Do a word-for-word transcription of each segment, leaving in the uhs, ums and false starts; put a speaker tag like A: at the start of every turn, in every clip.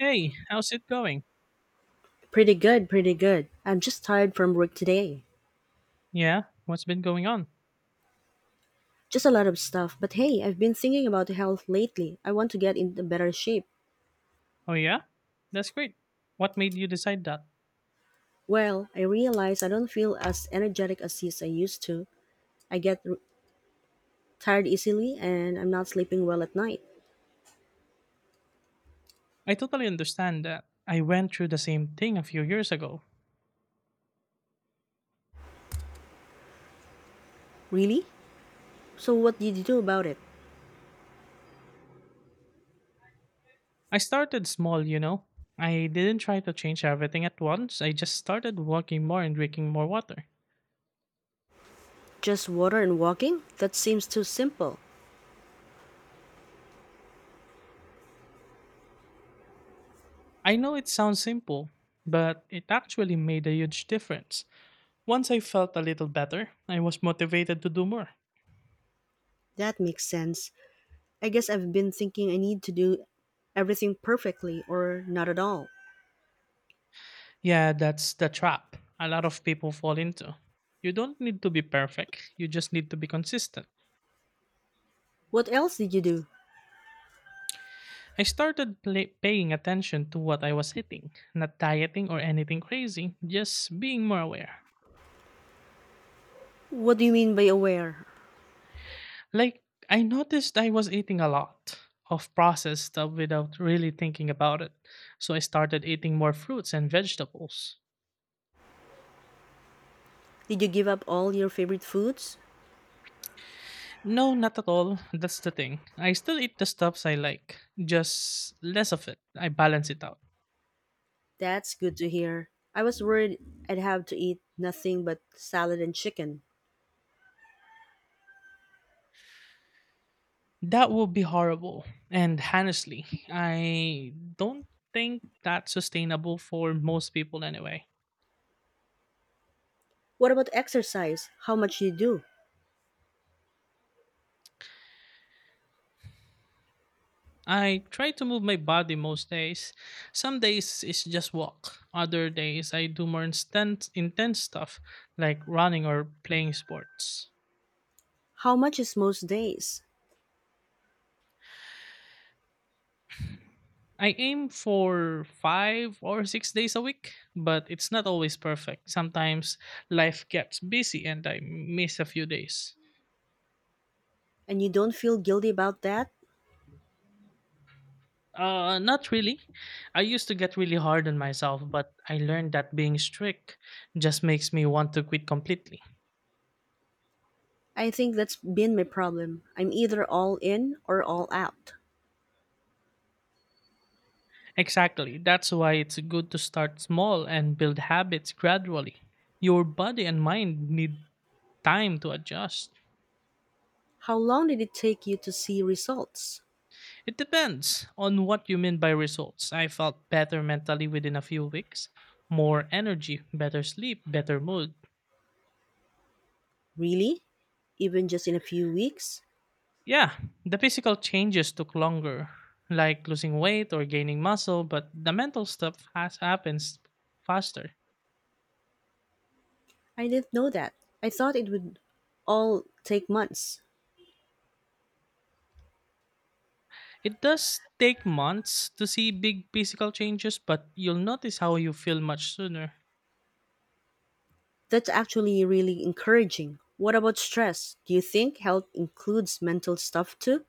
A: Hey, how's it going?
B: Pretty good, pretty good. I'm just tired from work today.
A: Yeah, what's been going on?
B: Just a lot of stuff. But hey, I've been thinking about health lately. I want to get into better shape.
A: Oh, yeah? That's great. What made you decide that?
B: Well, I realize I don't feel as energetic as yes, I used to. I get r- Tired easily and I'm not sleeping well at night.
A: I totally understand that. I went through the same thing a few years ago.
B: Really? So what did you do about it?
A: I started small, you know. I didn't try to change everything at once, I just started walking more and drinking more water.
B: Just water and walking? That seems too simple.
A: I know it sounds simple, but it actually made a huge difference. Once I felt a little better, I was motivated to do more.
B: That makes sense. I guess I've been thinking I need to do everything perfectly or not at all.
A: Yeah, that's the trap a lot of people fall into. You don't need to be perfect, you just need to be consistent.
B: What else did you do?
A: I started play- paying attention to what I was eating, not dieting or anything crazy, just being more aware.
B: What do you mean by aware?
A: Like, I noticed I was eating a lot of processed stuff without really thinking about it, so I started eating more fruits and vegetables.
B: Did you give up all your favorite foods?
A: No, not at all. That's the thing. I still eat the stuffs I like, just less of it. I balance it out.
B: That's good to hear. I was worried I'd have to eat nothing but salad and chicken.
A: That would be horrible. And honestly, I don't think that's sustainable for most people anyway.
B: What about exercise? How much do you do?
A: I try to move my body most days. Some days it's just walk. Other days I do more instant, intense stuff like running or playing sports.
B: How much is most days?
A: I aim for five or six days a week, but it's not always perfect. Sometimes life gets busy and I miss a few days.
B: And you don't feel guilty about that?
A: Uh, not really. I used to get really hard on myself, but I learned that being strict just makes me want to quit completely.
B: I think that's been my problem. I'm either all in or all out.
A: Exactly. That's why it's good to start small and build habits gradually. Your body and mind need time to adjust.
B: How long did it take you to see results?
A: It depends on what you mean by results. I felt better mentally within a few weeks, more energy, better sleep, better mood.
B: Really? Even just in a few weeks?
A: Yeah, the physical changes took longer, like losing weight or gaining muscle, but the mental stuff has happens faster.
B: I didn't know that. I thought it would all take months.
A: It does take months to see big physical changes, but you'll notice how you feel much sooner.
B: That's actually really encouraging. What about stress? Do you think health includes mental stuff too?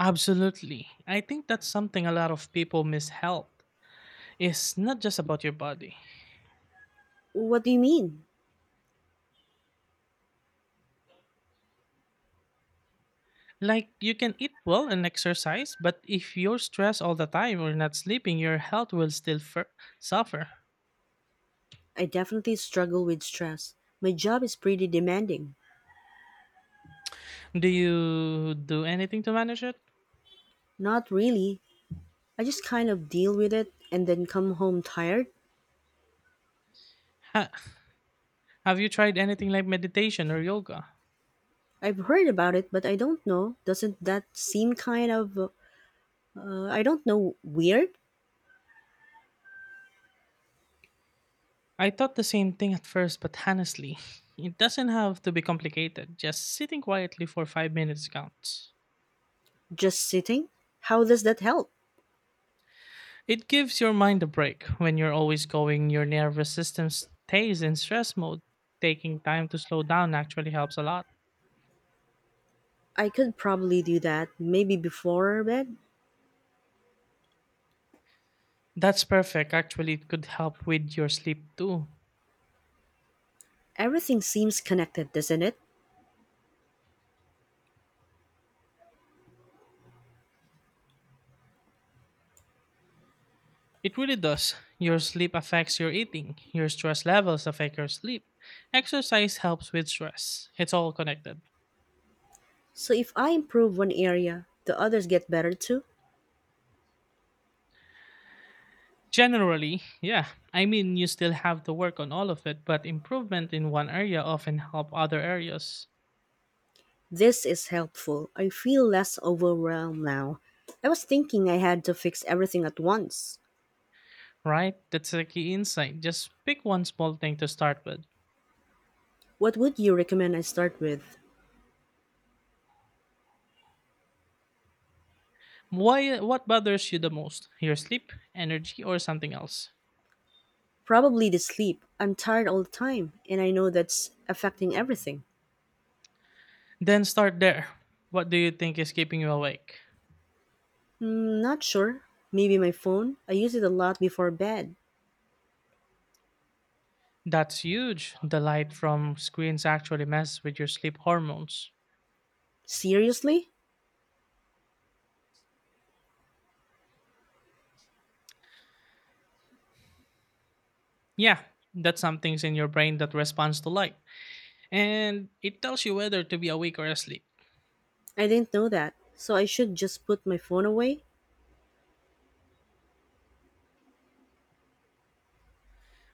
A: Absolutely. I think that's something a lot of people miss health. It's not just about your body.
B: What do you mean?
A: Like, you can eat well and exercise, but if you're stressed all the time or not sleeping, your health will still fur- suffer.
B: I definitely struggle with stress. My job is pretty demanding.
A: Do you do anything to manage it?
B: Not really. I just kind of deal with it and then come home tired.
A: Ha- have you tried anything like meditation or yoga?
B: I've heard about it, but I don't know. Doesn't that seem kind of, uh, I don't know, weird?
A: I thought the same thing at first, but honestly, it doesn't have to be complicated. Just sitting quietly for five minutes counts.
B: Just sitting? How does that help?
A: It gives your mind a break. When you're always going, your nervous system stays in stress mode. Taking time to slow down actually helps a lot.
B: I could probably do that, maybe before bed.
A: That's perfect. Actually, it could help with your sleep too.
B: Everything seems connected, doesn't it?
A: It really does. Your sleep affects your eating. Your stress levels affect your sleep. Exercise helps with stress. It's all connected.
B: So if I improve one area, the others get better too.
A: Generally, yeah. I mean, you still have to work on all of it, but improvement in one area often help other areas,
B: This is helpful. I feel less overwhelmed now. I was thinking I had to fix everything at once.
A: right? That's a key insight. Just pick one small thing to start with.
B: What would you recommend I start with?
A: Why what bothers you the most? Your sleep, energy, or something else?
B: Probably the sleep. I'm tired all the time, and I know that's affecting everything.
A: Then start there. What do you think is keeping you awake?
B: Hmm, not sure. Maybe my phone. I use it a lot before bed.
A: That's huge. The light from screens actually messes with your sleep hormones.
B: Seriously?
A: Yeah, that's some things in your brain that responds to light, and it tells you whether to be awake or asleep.
B: I didn't know that. So I should just put my phone away?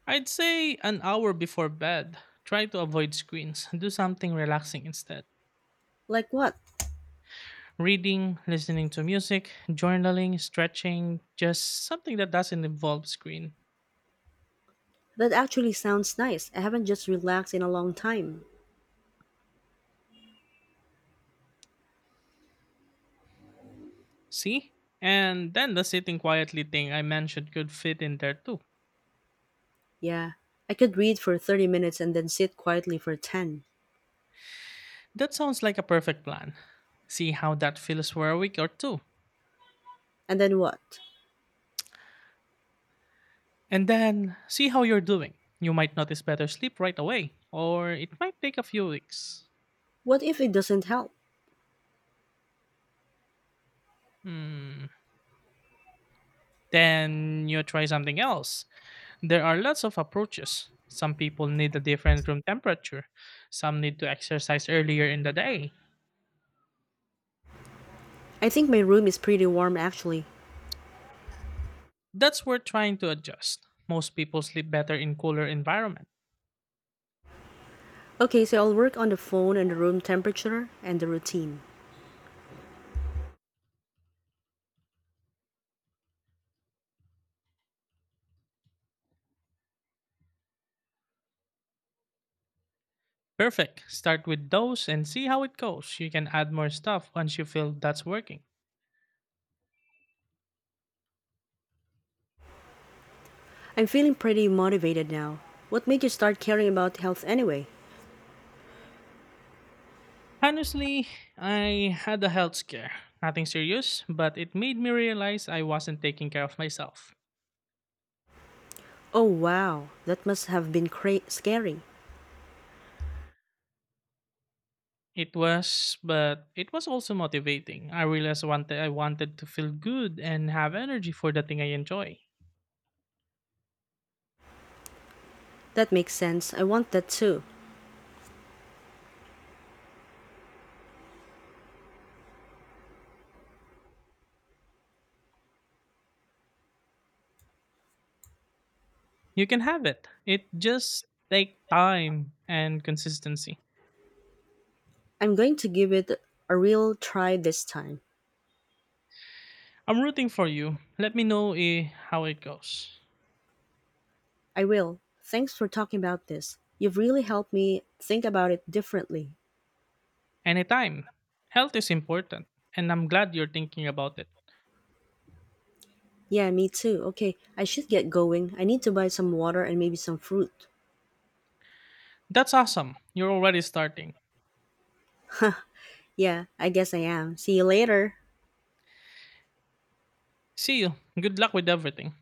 A: I'd say an hour before bed. Try to avoid screens. Do something relaxing instead.
B: Like what?
A: Reading, listening to music, journaling, stretching, just something that doesn't involve screen.
B: That actually sounds nice. I haven't just relaxed in a long time.
A: See? And then the sitting quietly thing I mentioned could fit in there too.
B: Yeah, I could read for thirty minutes and then sit quietly for ten.
A: That sounds like a perfect plan. See how that feels for a week or two.
B: And then what?
A: And then see how you're doing. You might notice better sleep right away, or it might take a few weeks.
B: What if it doesn't help?
A: Hmm. Then you try something else. There are lots of approaches. Some people need a different room temperature, some need to exercise earlier in the day.
B: I think my room is pretty warm actually.
A: That's worth trying to adjust. Most people sleep better in cooler environment.
B: Okay, so I'll work on the phone and the room temperature and the routine.
A: Perfect. Start with those and see how it goes. You can add more stuff once you feel that's working.
B: I'm feeling pretty motivated now. What made you start caring about health anyway?
A: Honestly, I had a health scare. Nothing serious, but it made me realize I wasn't taking care of myself.
B: Oh wow, that must have been cra- scary.
A: It was, but it was also motivating. I realized I wanted, I wanted to feel good and have energy for the thing I enjoy.
B: That makes sense. I want that too.
A: You can have it. It just take time and consistency.
B: I'm going to give it a real try this time.
A: I'm rooting for you. Let me know eh, how it goes.
B: I will. Thanks for talking about this. You've really helped me think about it differently.
A: Anytime. Health is important, and I'm glad you're thinking about it.
B: Yeah, me too. Okay, I should get going. I need to buy some water and maybe some fruit.
A: That's awesome. You're already starting.
B: Yeah, I guess I am. See you later.
A: See you. Good luck with everything.